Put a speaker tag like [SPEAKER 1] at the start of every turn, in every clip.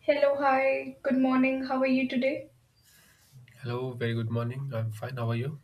[SPEAKER 1] Hello, hi, good morning. How are you today?
[SPEAKER 2] Hello, very good morning. I'm fine. How are you?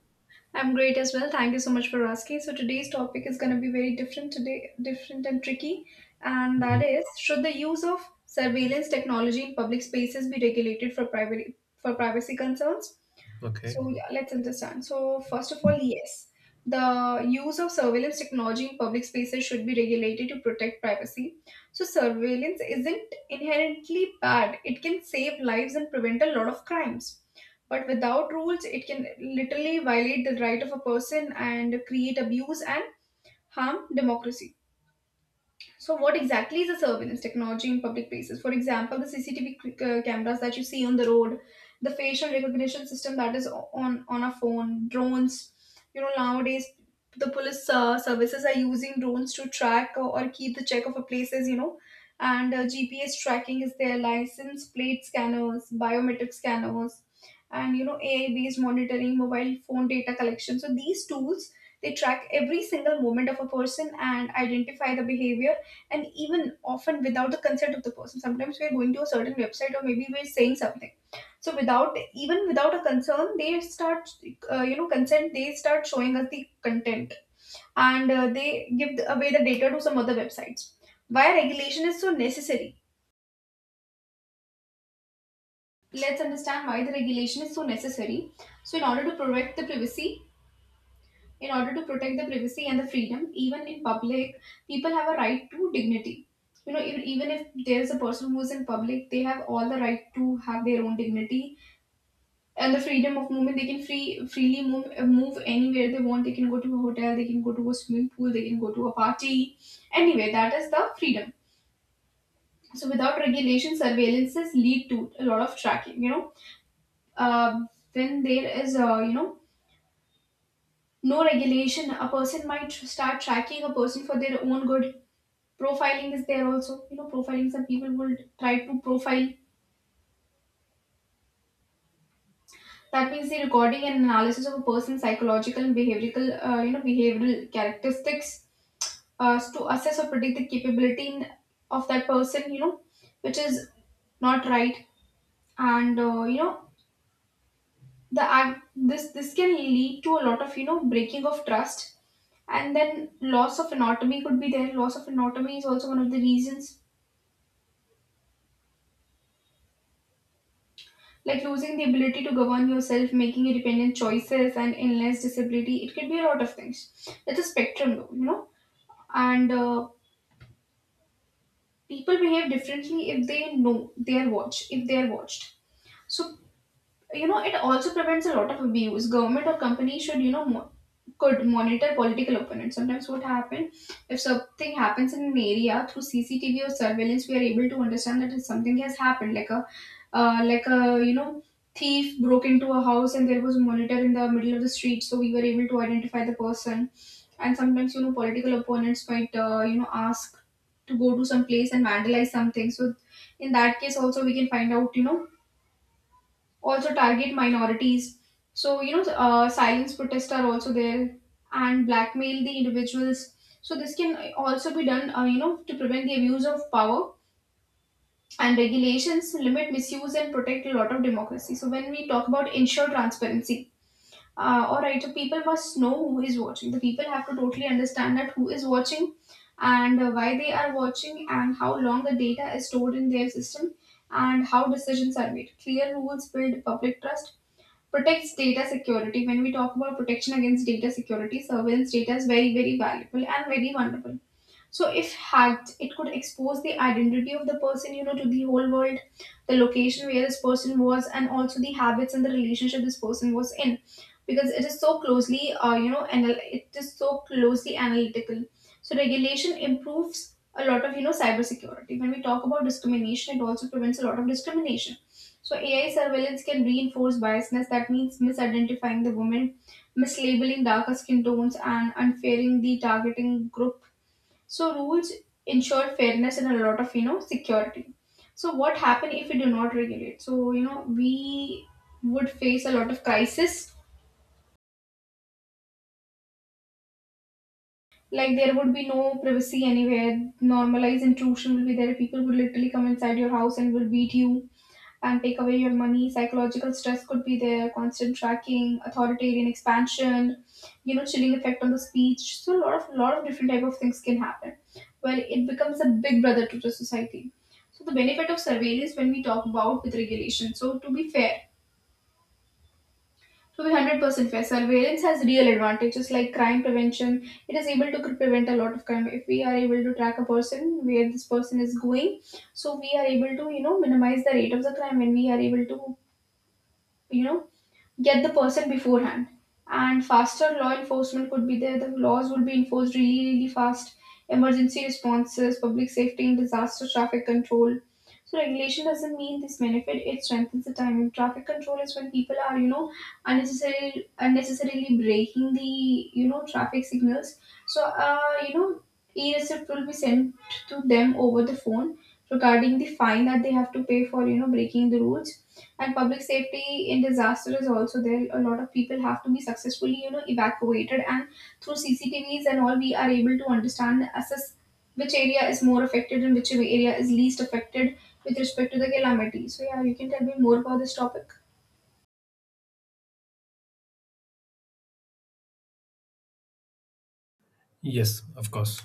[SPEAKER 1] I'm great as well. Thank you so much for asking. So today's topic is going to be very different today, different and tricky, and
[SPEAKER 2] Mhm.
[SPEAKER 1] that is, should the use of surveillance technology in public spaces be regulated for private for privacy concerns?
[SPEAKER 2] Okay.
[SPEAKER 1] So yeah, let's understand. So first of all, yes, the use of surveillance technology in public spaces should be regulated to protect privacy. So surveillance isn't inherently bad. It can save lives and prevent a lot of crimes. But without rules, it can literally violate the right of a person and create abuse and harm democracy. So what exactly is a surveillance technology in public places? For example, the CCTV cameras that you see on the road, the facial recognition system that is on on a phone, drones. You know, nowadays the police services are using drones to track or keep the check of a places. You know, and GPS tracking is their, license plate scanners, biometric scanners, and you know, AI based monitoring, mobile phone data collection. So these tools, they track every single moment of a person and identify the behavior, and even often without the consent of the person. Sometimes we're going to a certain website or maybe we're saying something, so without, even without a concern they start, you know, consent, they start showing us the content, and they give away the data to some other websites. Why regulation is so necessary, let's understand why the regulation is so necessary. So in order to protect the privacy, in order to protect the privacy and the freedom, even in public, people have a right to dignity. You know, even, even if there's a person who's in public, they have all the right to have their own dignity and the freedom of movement. They can freely move anywhere they want. They can go to a hotel, they can go to a swimming pool, they can go to a party. Anyway, that is the freedom. So without regulation, surveillances lead to a lot of tracking. You know, uh, when there is, you know, no regulation, a person might start tracking a person for their own good. Profiling is there also, you know, profiling, some people will try to profile. That means the recording and analysis of a person's psychological and behavioral, you know, behavioral characteristics, to assess or predict the capability in, of that person, you know, which is not right. And you know, the act, this can lead to a lot of, you know, breaking of trust, and then loss of anatomy could be there. Loss of anatomy is also one of the reasons, like losing the ability to govern yourself, making independent choices, and endless disability. It could be a lot of things. It's a spectrum, though, you know. And people behave differently if they know they are watched, if they are watched. So you know, it also prevents a lot of abuse. Government or company should you know, could monitor political opponents. Sometimes what happen, if something happens in an area through CCTV or surveillance, we are able to understand that something has happened, like a, like a, you know, thief broke into a house, and there was a monitor in the middle of the street, so we were able to identify the person. And sometimes, you know, political opponents might, you know, ask to go to some place and vandalize something. So in that case also we can find out, you know, also target minorities. So, you know, silence protests are also there, and blackmail the individuals. So this can also be done, you know, to prevent the abuse of power, and regulations limit misuse and protect a lot of democracy. So when we talk about ensure transparency, all right, so people must know who is watching. The people have to totally understand that who is watching and why they are watching, and how long the data is stored in their system, and how decisions are made. Clear rules build public trust, protects data security. When we talk about protection against data security, surveillance data is very, very valuable and very vulnerable. So if hacked, it could expose the identity of the person, you know, to the whole world, the location where this person was, and also the habits and the relationship this person was in, because it is so closely, you know, it is so closely analytical. So regulation improves a lot of, you know, cybersecurity. When we talk about discrimination, it also prevents a lot of discrimination. So AI surveillance can reinforce biasness. That means misidentifying the woman, mislabeling darker skin tones, and unfairing the targeting group. So rules ensure fairness and a lot of, you know, security. So what happen if we do not regulate? So you know, we would face a lot of crisis. Like, there would be no privacy anywhere. Normalized intrusion will be there. People would literally come inside your house and will beat you and take away your money. Psychological stress could be there, constant tracking, authoritarian expansion, you know, chilling effect on the speech. So a lot of, lot of different type of things can happen. Well, it becomes a big brother to the society. So the benefit of surveillance when we talk about with regulation. So to be fair, to be 100% fair, surveillance has real advantages like crime prevention. It is able to prevent a lot of crime. If we are able to track a person where this person is going, so we are able to, you know, minimize the rate of the crime, and we are able to, you know, get the person beforehand. And faster law enforcement could be there, the laws would be enforced really, really fast. Emergency responses, public safety in disaster, traffic control. So regulation doesn't mean this benefit, it strengthens the timing. Traffic control is when people are, you know, unnecessarily breaking the, you know, traffic signals. So you know, e-receipt will be sent to them over the phone regarding the fine that they have to pay for, you know, breaking the rules. And public safety in disaster is also there. A lot of people have to be successfully, you know, evacuated. And through CCTVs and all, we are able to understand, assess which area is more affected and which area is least affected with respect to the calamity. So yeah, you can tell me more about this topic.
[SPEAKER 2] Yes, of course.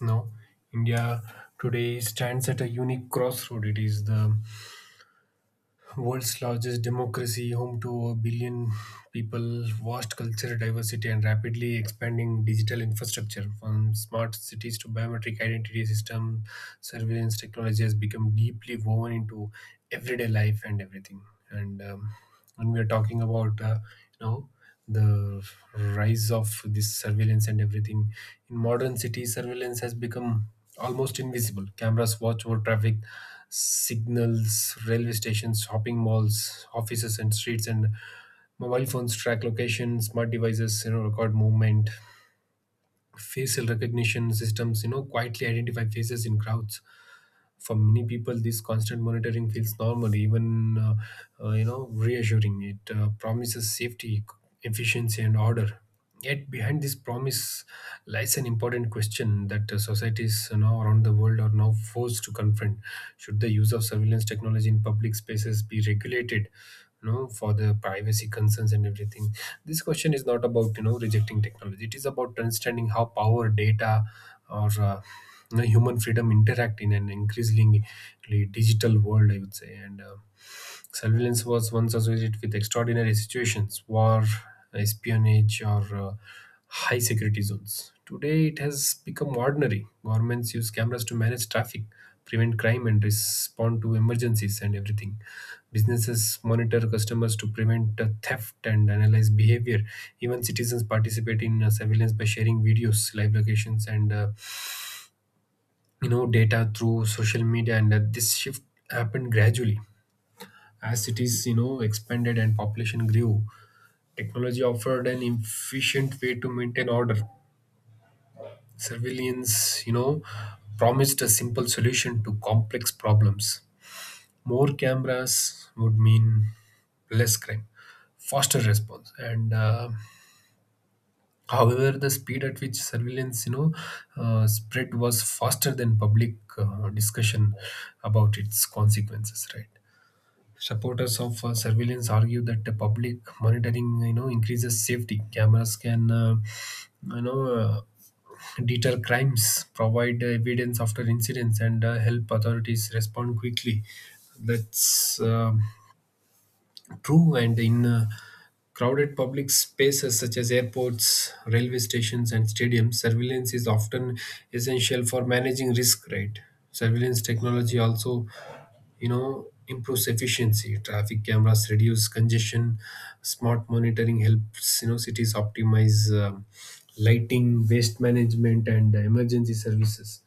[SPEAKER 2] No, India today stands at a unique crossroad. It is the world's largest democracy, home to a billion people, vast cultural diversity, and rapidly expanding digital infrastructure. From smart cities to biometric identity system, surveillance technology has become deeply woven into everyday life and everything. And um, and we are talking about you know the rise of this surveillance and everything. In modern cities surveillance has become almost invisible. Cameras watch over traffic signals, railway stations, shopping malls, offices and streets, and mobile phones track location, smart devices, you know, record movement. Facial recognition systems, you know, quietly identify faces in crowds. For many people this constant monitoring feels normal, even you know, reassuring. It promises safety, efficiency and order. Yet behind this promise lies an important question that societies, you know, around the world are now forced to confront: should the use of surveillance technology in public spaces be regulated, you know, for the privacy concerns and everything? This question is not about, you know, rejecting technology. It is about understanding how power, data, or you know, human freedom interact in an increasingly digital world, I would say. And Surveillance was once associated with extraordinary situations, war, espionage, or high security zones. Today, it has become ordinary. Governments use cameras to manage traffic, prevent crime, and respond to emergencies and everything. Businesses monitor customers to prevent theft and analyze behavior. Even citizens participate in surveillance by sharing videos, live locations, and you know, data through social media. And this shift happened gradually. As cities, you know, expanded and population grew, technology offered an efficient way to maintain order. Surveillance, you know, promised a simple solution to complex problems. More cameras would mean less crime, faster response, and However, the speed at which surveillance, you know, spread was faster than public discussion about its consequences. Right. Supporters of surveillance argue that the public monitoring, you know, increases safety. Cameras can, you know, uh, deter crimes, provide evidence after incidents, and help authorities respond quickly. That's true, and in crowded public spaces such as airports, railway stations, and stadiums, surveillance is often essential for managing risk. Right, surveillance technology also, you know, improves efficiency. Traffic cameras reduce congestion. Smart monitoring helps, you know, cities optimize lighting, waste management, and emergency services.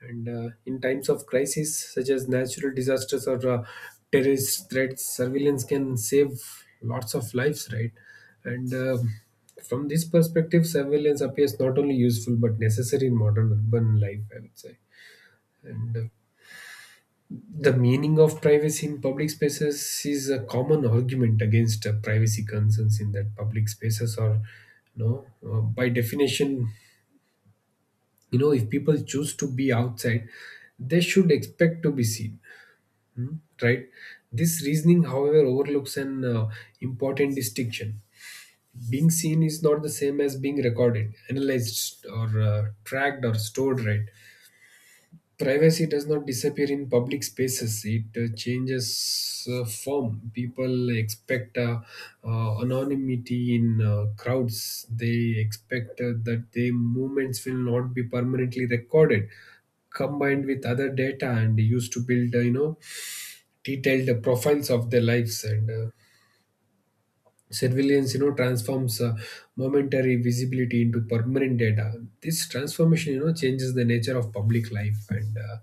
[SPEAKER 2] And in times of crisis, such as natural disasters or terrorist threats, surveillance can save lots of lives, right? And from this perspective, surveillance appears not only useful but necessary in modern urban life, I would say. And the meaning of privacy in public spaces is a common argument against privacy concerns, in that public spaces are, you know, by definition, you know, if people choose to be outside, they should expect to be seen. Mm, right. This reasoning however overlooks an important distinction. Being seen is not the same as being recorded, analyzed or tracked or stored, right? Privacy does not disappear in public spaces. It changes form. People expect anonymity in crowds. They expect that their movements will not be permanently recorded, combined with other data and used to build you know, detailed profiles of their lives, and surveillance, you know, transforms momentary visibility into permanent data. This transformation, you know, changes the nature of public life. And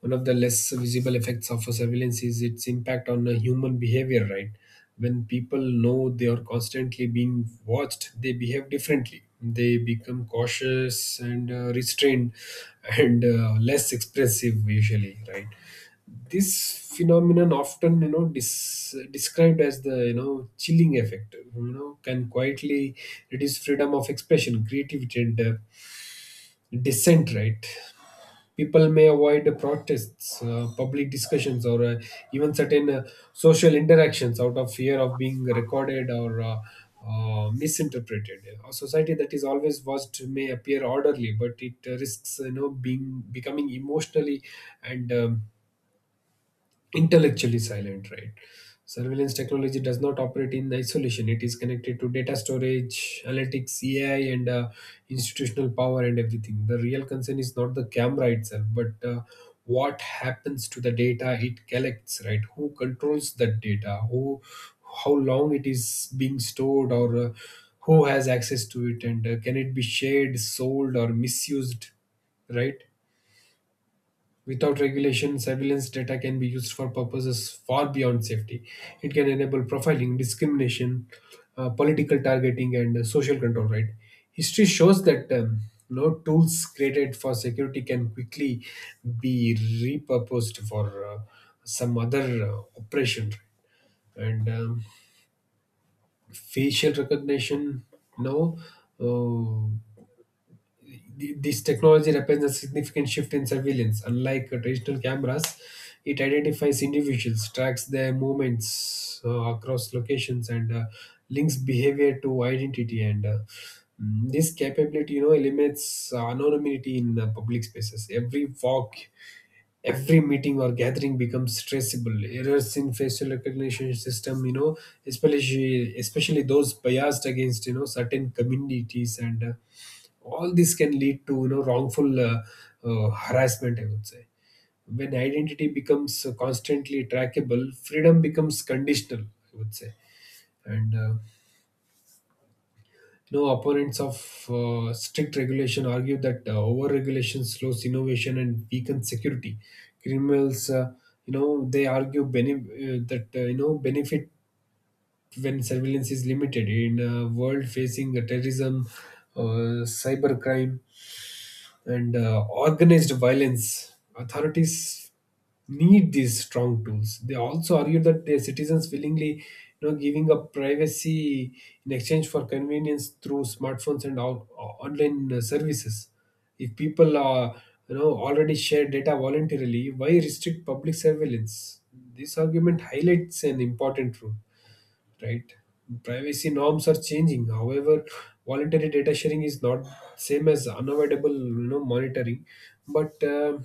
[SPEAKER 2] one of the less visible effects of surveillance is its impact on human behavior, right? When people know they are constantly being watched, they behave differently. They become cautious and restrained and less expressive usually, right? This phenomenon, often, you know, described as the, you know, chilling effect, you know, can quietly reduce freedom of expression, creativity and dissent, right? People may avoid protests, public discussions, or even certain social interactions out of fear of being recorded or misinterpreted. A society that is always watched may appear orderly, but it risks, you know, being becoming emotionally and intellectually silent, right? Surveillance technology does not operate in isolation. It is connected to data storage, analytics, AI, and institutional power and everything. The real concern is not the camera itself, but what happens to the data it collects, right? Who controls that data? Who, how long it is being stored, or who has access to it, and can it be shared, sold, or misused, right? Without regulation, surveillance data can be used for purposes far beyond safety. It can enable profiling, discrimination, political targeting, and social control. Right? History shows that no, tools created for security can quickly be repurposed for some other operation. Right? And facial recognition, no, this technology represents a significant shift in surveillance. Unlike traditional cameras, it identifies individuals, tracks their movements across locations, and links behavior to identity. This capability, you know, eliminates anonymity in public spaces. Every walk, every meeting or gathering becomes traceable. Errors in facial recognition system, you know, especially those biased against, you know, certain communities, and all this can lead to, you know, wrongful harassment, I would say. When identity becomes constantly trackable, freedom becomes conditional, I would say. And you know, opponents of strict regulation argue that over regulation slows innovation and weakens security. Criminals, you know, they argue, that, you know, benefit when surveillance is limited in a world facing terrorism, cybercrime, and organized violence. Authorities need these strong tools. They also argue that their citizens willingly, you know, giving up privacy in exchange for convenience through smartphones and all, online services. If people are, you know, already share data voluntarily, why restrict public surveillance? This argument highlights an important truth, right? Privacy norms are changing. However, voluntary data sharing is not same as unavoidable, you know, monitoring. But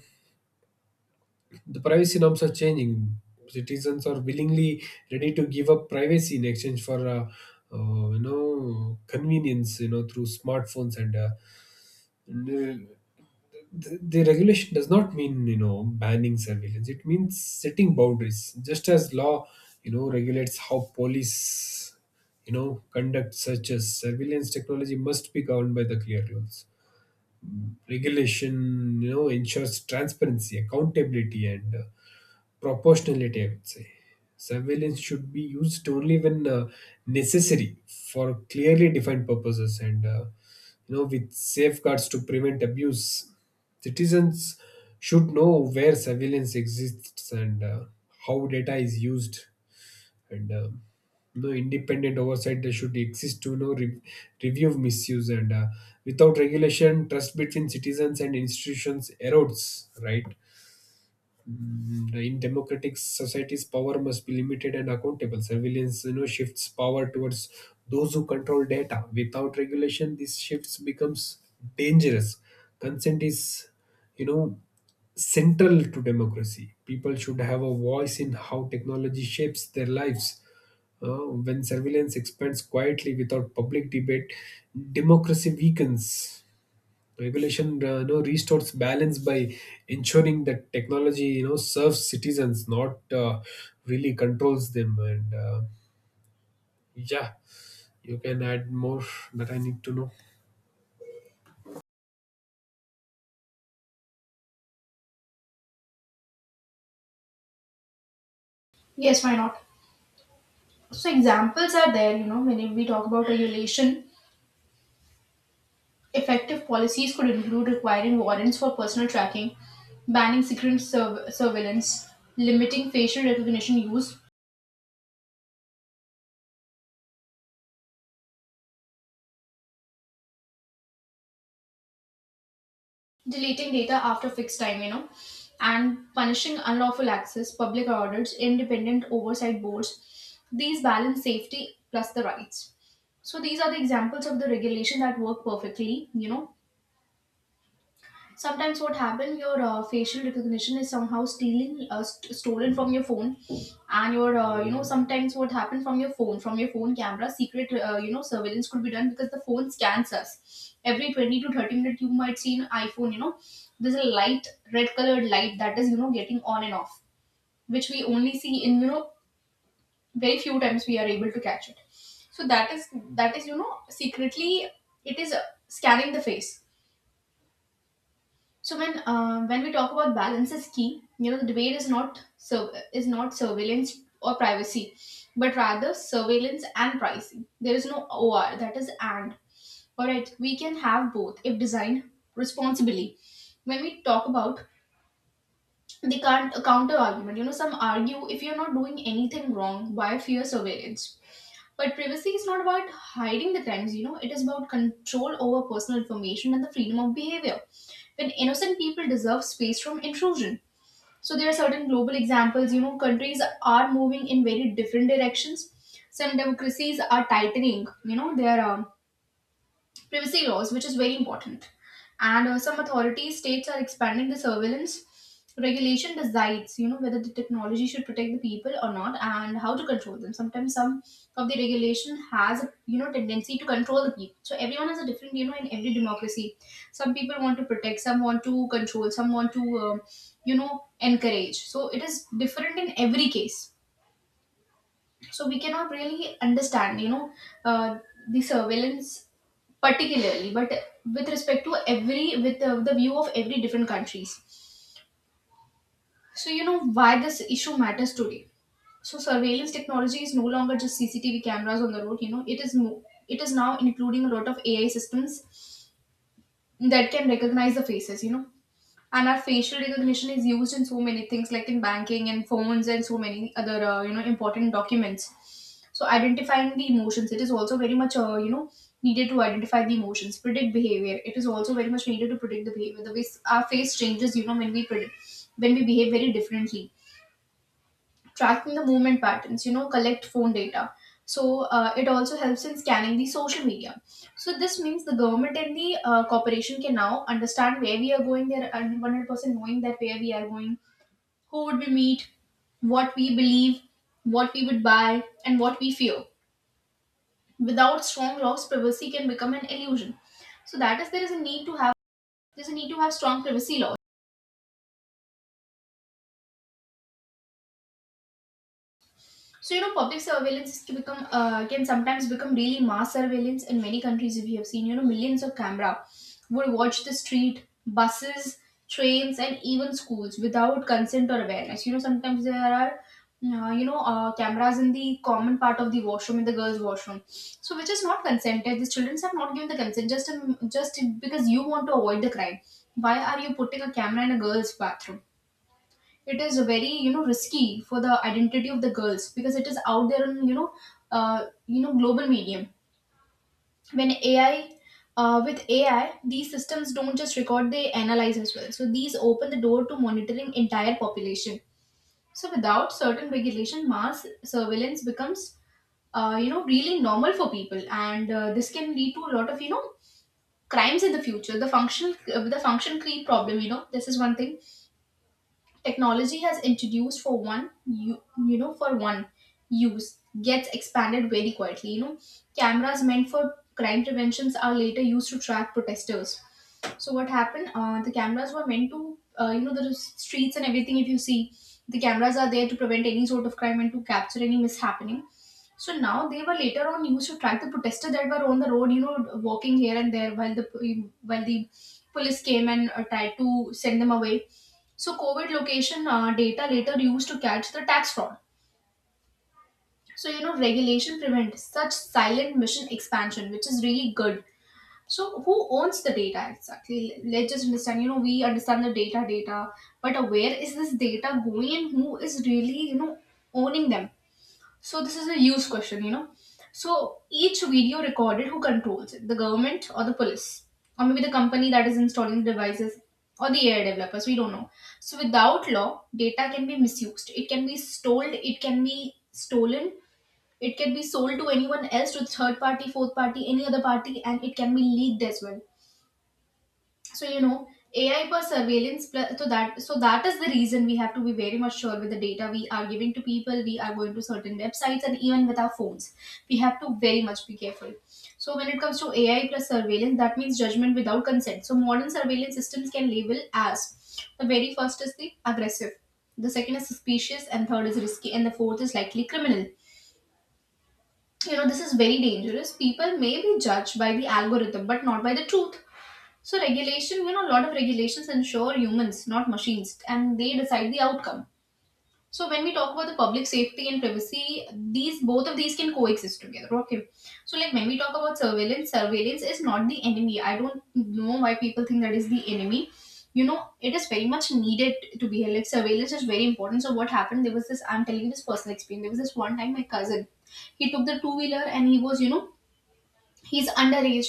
[SPEAKER 2] the privacy norms are changing. Citizens are willingly ready to give up privacy in exchange for, you know, convenience, you know, through smartphones and uh, the regulation does not mean, you know, banning surveillance. It means setting boundaries. Just as law, you know, regulates how police, you know, conduct searches, surveillance technology must be governed by the clear rules. Regulation, you know, ensures transparency, accountability and proportionality, I would say. Surveillance should be used only when necessary for clearly defined purposes and you know, with safeguards to prevent abuse. Citizens should know where surveillance exists and how data is used, and you know, independent oversight that should exist to, you know, review of misuse, and without regulation trust between citizens and institutions erodes, right? Mm-hmm. In democratic societies power must be limited and accountable. Surveillance, you know, shifts power towards those who control data. Without regulation these shifts becomes dangerous. Consent is, you know, central to democracy. People should have a voice in how technology shapes their lives. When surveillance expands quietly without public debate, democracy weakens. Regulation, you know, restores balance by ensuring that technology, you know, serves citizens, not really controls them, and yeah, you can add more that I need to know.
[SPEAKER 1] Yes, why not? So examples are there, you know, when we talk about regulation, effective policies could include requiring warrants for personal tracking, banning surveillance, limiting facial recognition use, deleting data after fixed time, you know, and punishing unlawful access, public audits, independent oversight boards. These balance safety plus the rights. So these are the examples of the regulation that work perfectly. You know, sometimes what happen, your facial recognition is somehow stealing, stolen from your phone. And your, you know, sometimes what happened, from your phone, from your phone camera, secret, you know, surveillance could be done, because the phone scans us every 20 to 30 minutes. You might see an iPhone, you know, there's a light, red colored light that is, you know, getting on and off, which we only see in, you know, very few times we are able to catch it. So that is, that is, you know, secretly it is, scanning the face. So when, when we talk about balance is key, you know, the debate is not surveillance or privacy, but rather surveillance and pricing. There is no OR, that is and. All right, we can have both if designed responsibly. When we talk about the can't counter argument, you know, some argue, if you're not doing anything wrong, why fear surveillance? But privacy is not about hiding the crimes, you know, it is about control over personal information and the freedom of behavior. When innocent people deserve space from intrusion. So there are certain global examples, you know, countries are moving in very different directions. Some democracies are tightening, you know, their privacy laws, which is very important, and some authorities states are expanding the surveillance. Regulation decides, you know, whether the technology should protect the people or not and how to control them. Sometimes some of the regulation has a, you know, tendency to control the people, so everyone has a different, you know, in every democracy. Some people want to protect, some want to control, some want to encourage, so it is different in every case. So we cannot really understand, you know, uh, the surveillance particularly, but with respect to every, with the view of every different countries. So, you know, why this issue matters today. So surveillance technology is no longer just CCTV cameras on the road, you know, it is it is now including a lot of AI systems that can recognize the faces, you know. And our facial recognition is used in so many things, like in banking and phones and so many other important documents. So identifying the emotions, it is also very much needed to identify the emotions, predict behavior. It is also very much needed to predict the behavior, the way our face changes, you know, when we predict, when we behave very differently. Tracking the movement patterns, you know, collect phone data. So it also helps in scanning the social media. So this means the government and the corporation can now understand where we are going. They're 100% knowing that where we are going, who would we meet, what we believe, what we would buy, and what we fear. Without strong laws, privacy can become an illusion. So that is, there is a need to have, there's a need to have strong privacy laws. So, you know, public surveillance is to become can sometimes become really mass surveillance in many countries. If you have seen, you know, millions of camera would watch the street, buses, trains, and even schools without consent or awareness. You know, sometimes there are cameras in the common part of the washroom, in the girls' washroom, so which is not consented. The children have not given the consent, just because you want to avoid the crime. Why are you putting a camera in a girl's bathroom? It is very, you know, risky for the identity of the girls, because it is out there on, you know, global medium. When AI, with AI, these systems don't just record, they analyze as well, so these open the door to monitoring entire population. So without certain regulation, mass surveillance becomes really normal for people, and this can lead to a lot of, you know, crimes in the future. The function creep problem, you know, this is one thing technology has introduced. For one, for one use gets expanded very quietly, you know. Cameras meant for crime preventions are later used to track protesters. So what happened, the cameras were meant to, the streets and everything. If you see, the cameras are there to prevent any sort of crime and to capture any mishappening. So now they were later on used to track the protesters that were on the road, you know, walking here and there, while the police came and tried to send them away. So COVID location data later used to catch the tax fraud. So, you know, regulation prevents such silent mission expansion, which is really good. So who owns the data exactly? Let's just understand. You know, we understand the data, but where is this data going and who is really, you know, owning them? So this is a use question, you know. So each video recorded, who controls it? The government or the police? Or maybe the company that is installing the devices, or the AI developers, we don't know. So without law, data can be misused. It can be stolen, it can be stolen, it can be sold to anyone else, to third party, fourth party, any other party, and it can be leaked as well. So, you know, AI for so that is the reason we have to be very much sure with the data we are giving to people, we are going to certain websites, and even with our phones, we have to very much be careful. So when it comes to AI plus surveillance, that means judgment without consent. So modern surveillance systems can label as: the very first is the aggressive, the second is suspicious, and third is risky, and the fourth is likely criminal. You know, this is very dangerous. People may be judged by the algorithm but not by the truth. So regulation, you know, a lot of regulations ensure humans, not machines, and they decide the outcome. So when we talk about the public safety and privacy, these, both of these, can coexist together. Okay. So like when we talk about surveillance, surveillance is not the enemy. I don't know why people think that is the enemy. You know, it is very much needed to be held. Like surveillance is very important. So what happened? There was this. I'm telling you this personal experience. There was this one time, my cousin. He took the two wheeler and he was, you know, he's underage,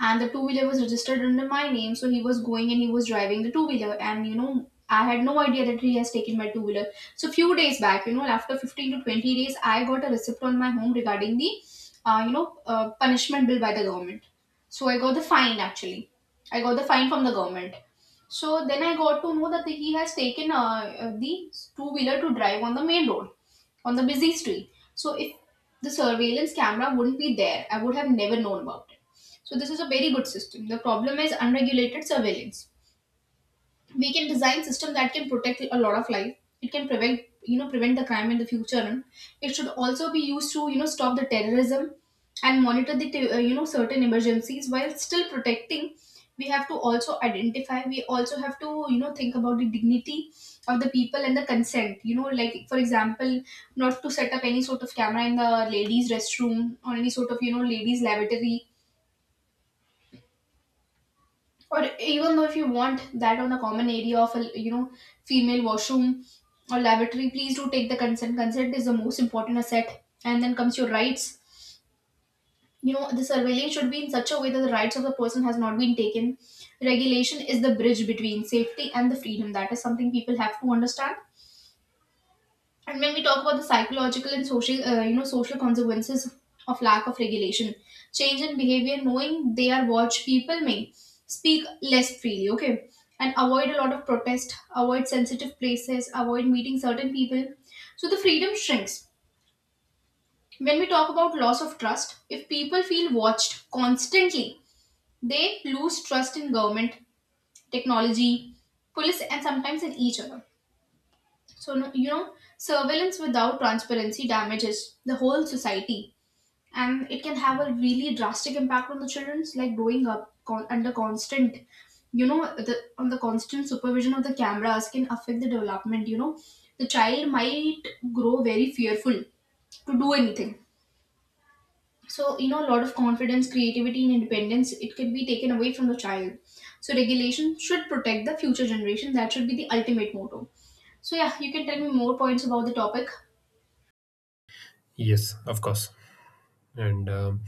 [SPEAKER 1] and the two wheeler was registered under my name. So he was going and he was driving the two wheeler, and you know, I had no idea that he has taken my two wheeler. So few days back, you know, after 15 to 20 days, I got a receipt on my home regarding the punishment bill by the government. So I got the fine, actually. I got the fine from the government. So then I got to know that he has taken the two wheeler to drive on the main road, on the busy street. So if the surveillance camera wouldn't be there, I would have never known about it. So this is a very good system. The problem is unregulated surveillance. We can design system that can protect a lot of life. It can prevent, you know, prevent the crime in the future, and it should also be used to, you know, stop the terrorism and monitor the certain emergencies while still protecting. We have to also identify, we also have to, you know, think about the dignity of the people and the consent, you know. Like, for example, not to set up any sort of camera in the ladies restroom or any sort of, you know, ladies lavatory. Or even though, if you want that on a common area of a, you know, female washroom or lavatory, please do take the consent. Consent is the most important asset, and then comes your rights. You know, the surveillance should be in such a way that the rights of the person has not been taken. Regulation is the bridge between safety and the freedom. That is something people have to understand. And when we talk about the psychological and social social consequences of lack of regulation: change in behavior. Knowing they are watched, people may speak less freely, okay, and avoid a lot of protest, avoid sensitive places, avoid meeting certain people. So the freedom shrinks. When we talk about loss of trust, if people feel watched constantly, they lose trust in government, technology, police, and sometimes in each other. So, no, you know, surveillance without transparency damages the whole society, and it can have a really drastic impact on the children's, like growing up under constant, you know, the on the constant supervision of the cameras, can affect the development, you know. The child might grow very fearful to do anything. So, you know, a lot of confidence, creativity, and independence, it can be taken away from the child. So regulation should protect the future generation. That should be the ultimate motto. So, yeah, you can tell me more points about the topic.
[SPEAKER 2] Yes, of course. And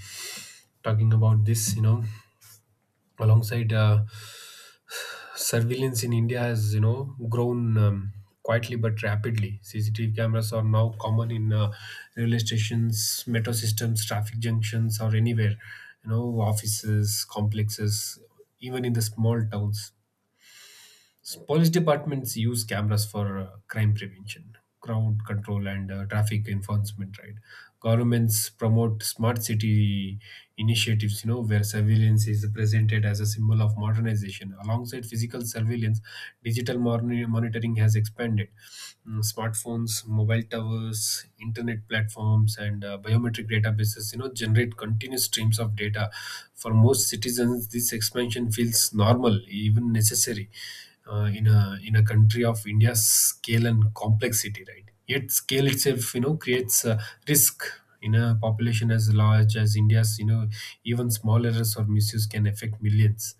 [SPEAKER 2] talking about this, you know, alongside surveillance in India has, you know, grown quietly but rapidly. CCTV cameras are now common in railway stations, metro systems, traffic junctions, or anywhere. You know, offices, complexes, even in the small towns. So police departments use cameras for crime prevention, crowd control, and traffic enforcement. Right, governments promote smart city initiatives, you know, where surveillance is presented as a symbol of modernization. Alongside physical surveillance, digital monitoring has expanded. Mm, smartphones, mobile towers, internet platforms, and biometric databases, you know, generate continuous streams of data. For most citizens, this expansion feels normal, even necessary, in a country of India's scale and complexity, right? Yet, scale itself, you know, creates a risk. In a population as large as India's, you know, even small errors or misuse can affect millions,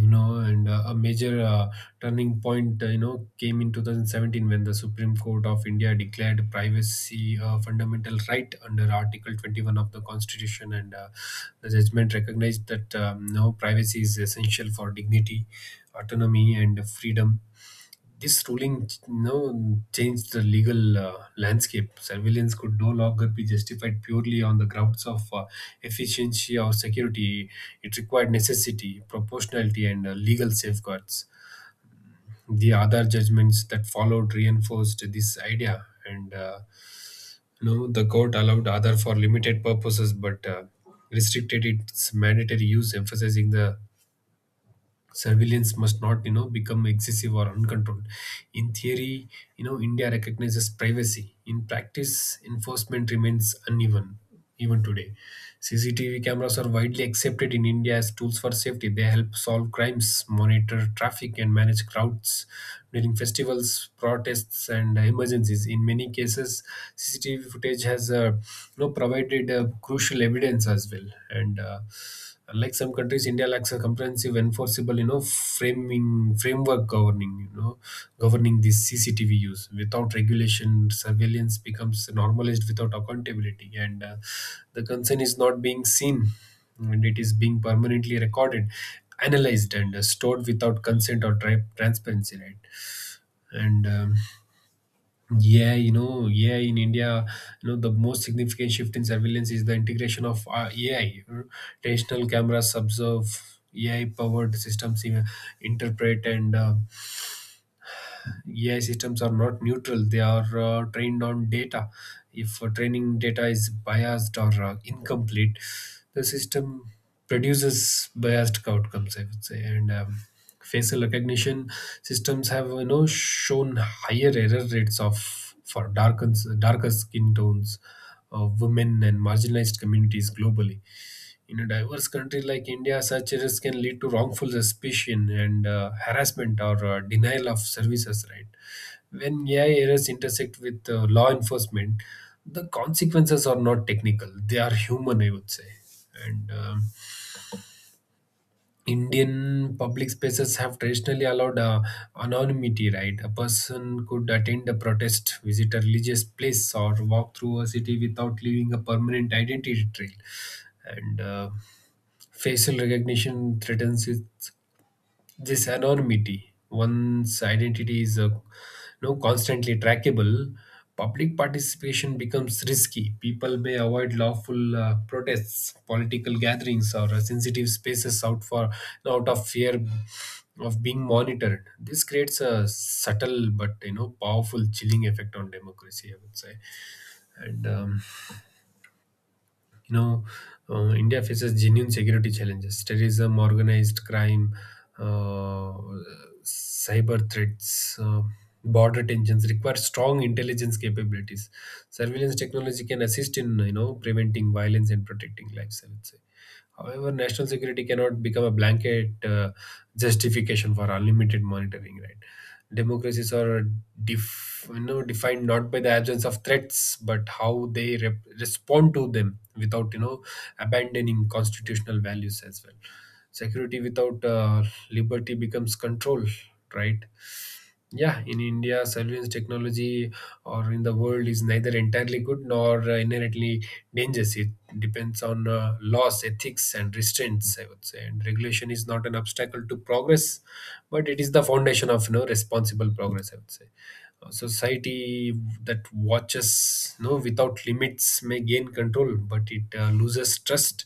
[SPEAKER 2] you know. And a major turning point, you know, came in 2017 when the Supreme Court of India declared privacy a fundamental right under article 21 of the Constitution, and the judgment recognized that, no, privacy is essential for dignity, autonomy and freedom. This ruling, no, changed the legal landscape. Surveillance could no longer be justified purely on the grounds of efficiency or security. It required necessity, proportionality, and legal safeguards. The other judgments that followed reinforced this idea, and you the court allowed other for limited purposes, but restricted its mandatory use, emphasizing the surveillance must not become excessive or uncontrolled in theory. You know, India recognizes privacy. In practice, enforcement remains uneven even today. CCTV cameras are widely accepted in India as tools for safety. They help solve crimes, monitor traffic, and manage crowds during festivals, protests, and emergencies. In many cases, CCTV footage has provided crucial evidence as well. And like some countries, India lacks a comprehensive, enforceable, you know framing framework governing, this CCTV use. Without regulation, surveillance becomes normalized without accountability. And the concern is not being seen, and it is being permanently recorded, analyzed, and stored without consent or transparency, right? and Yeah, you know, yeah, in India, you know, the most significant shift in surveillance is the integration of AI. You know. Traditional cameras observe, AI-powered systems interpret, and AI systems are not neutral. They are trained on data. If training data is biased or incomplete, the system produces biased outcomes, I would say. And facial recognition systems have shown higher error rates of for darker skin tones of women and marginalized communities globally. In a diverse country like India, such risks can lead to wrongful suspicion and harassment or denial of services, right? When AI errors intersect with law enforcement, the consequences are not technical, they are human, I would say. And Indian public spaces have traditionally allowed anonymity, right? A person could attend a protest, visit a religious place, or walk through a city without leaving a permanent identity trail. And facial recognition threatens it, this anonymity. One's identity is constantly trackable. Public participation becomes risky. People may avoid lawful protests, political gatherings, or sensitive spaces out of fear of being monitored. This creates a subtle but powerful chilling effect on democracy, I would say. and um, you know, India faces genuine security challenges: terrorism, organized crime, uh, cyber threats, border tensions. Require strong intelligence capabilities. Surveillance technology can assist in, preventing violence and protecting lives, I would say. However, national security cannot become a blanket justification for unlimited monitoring, right? Democracies are defined not by the absence of threats, but how they respond to them without abandoning constitutional values as well. Security without liberty becomes control, right? Yeah, in India, surveillance technology or in the world is neither entirely good nor inherently dangerous. It depends on laws, ethics, and restraints, I would say. And regulation is not an obstacle to progress, but it is the foundation of no responsible progress, I would say. A society that watches no without limits may gain control, but it loses trust.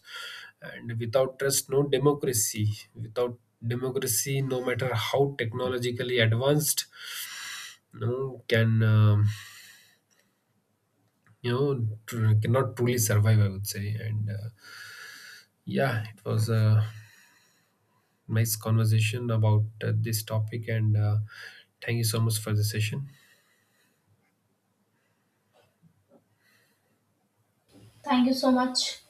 [SPEAKER 2] And without trust, no democracy. Without democracy, no matter how technologically advanced, no, can cannot truly survive, I would say. And yeah, it was a nice conversation about this topic, and thank you so much for the session.
[SPEAKER 1] Thank you so much.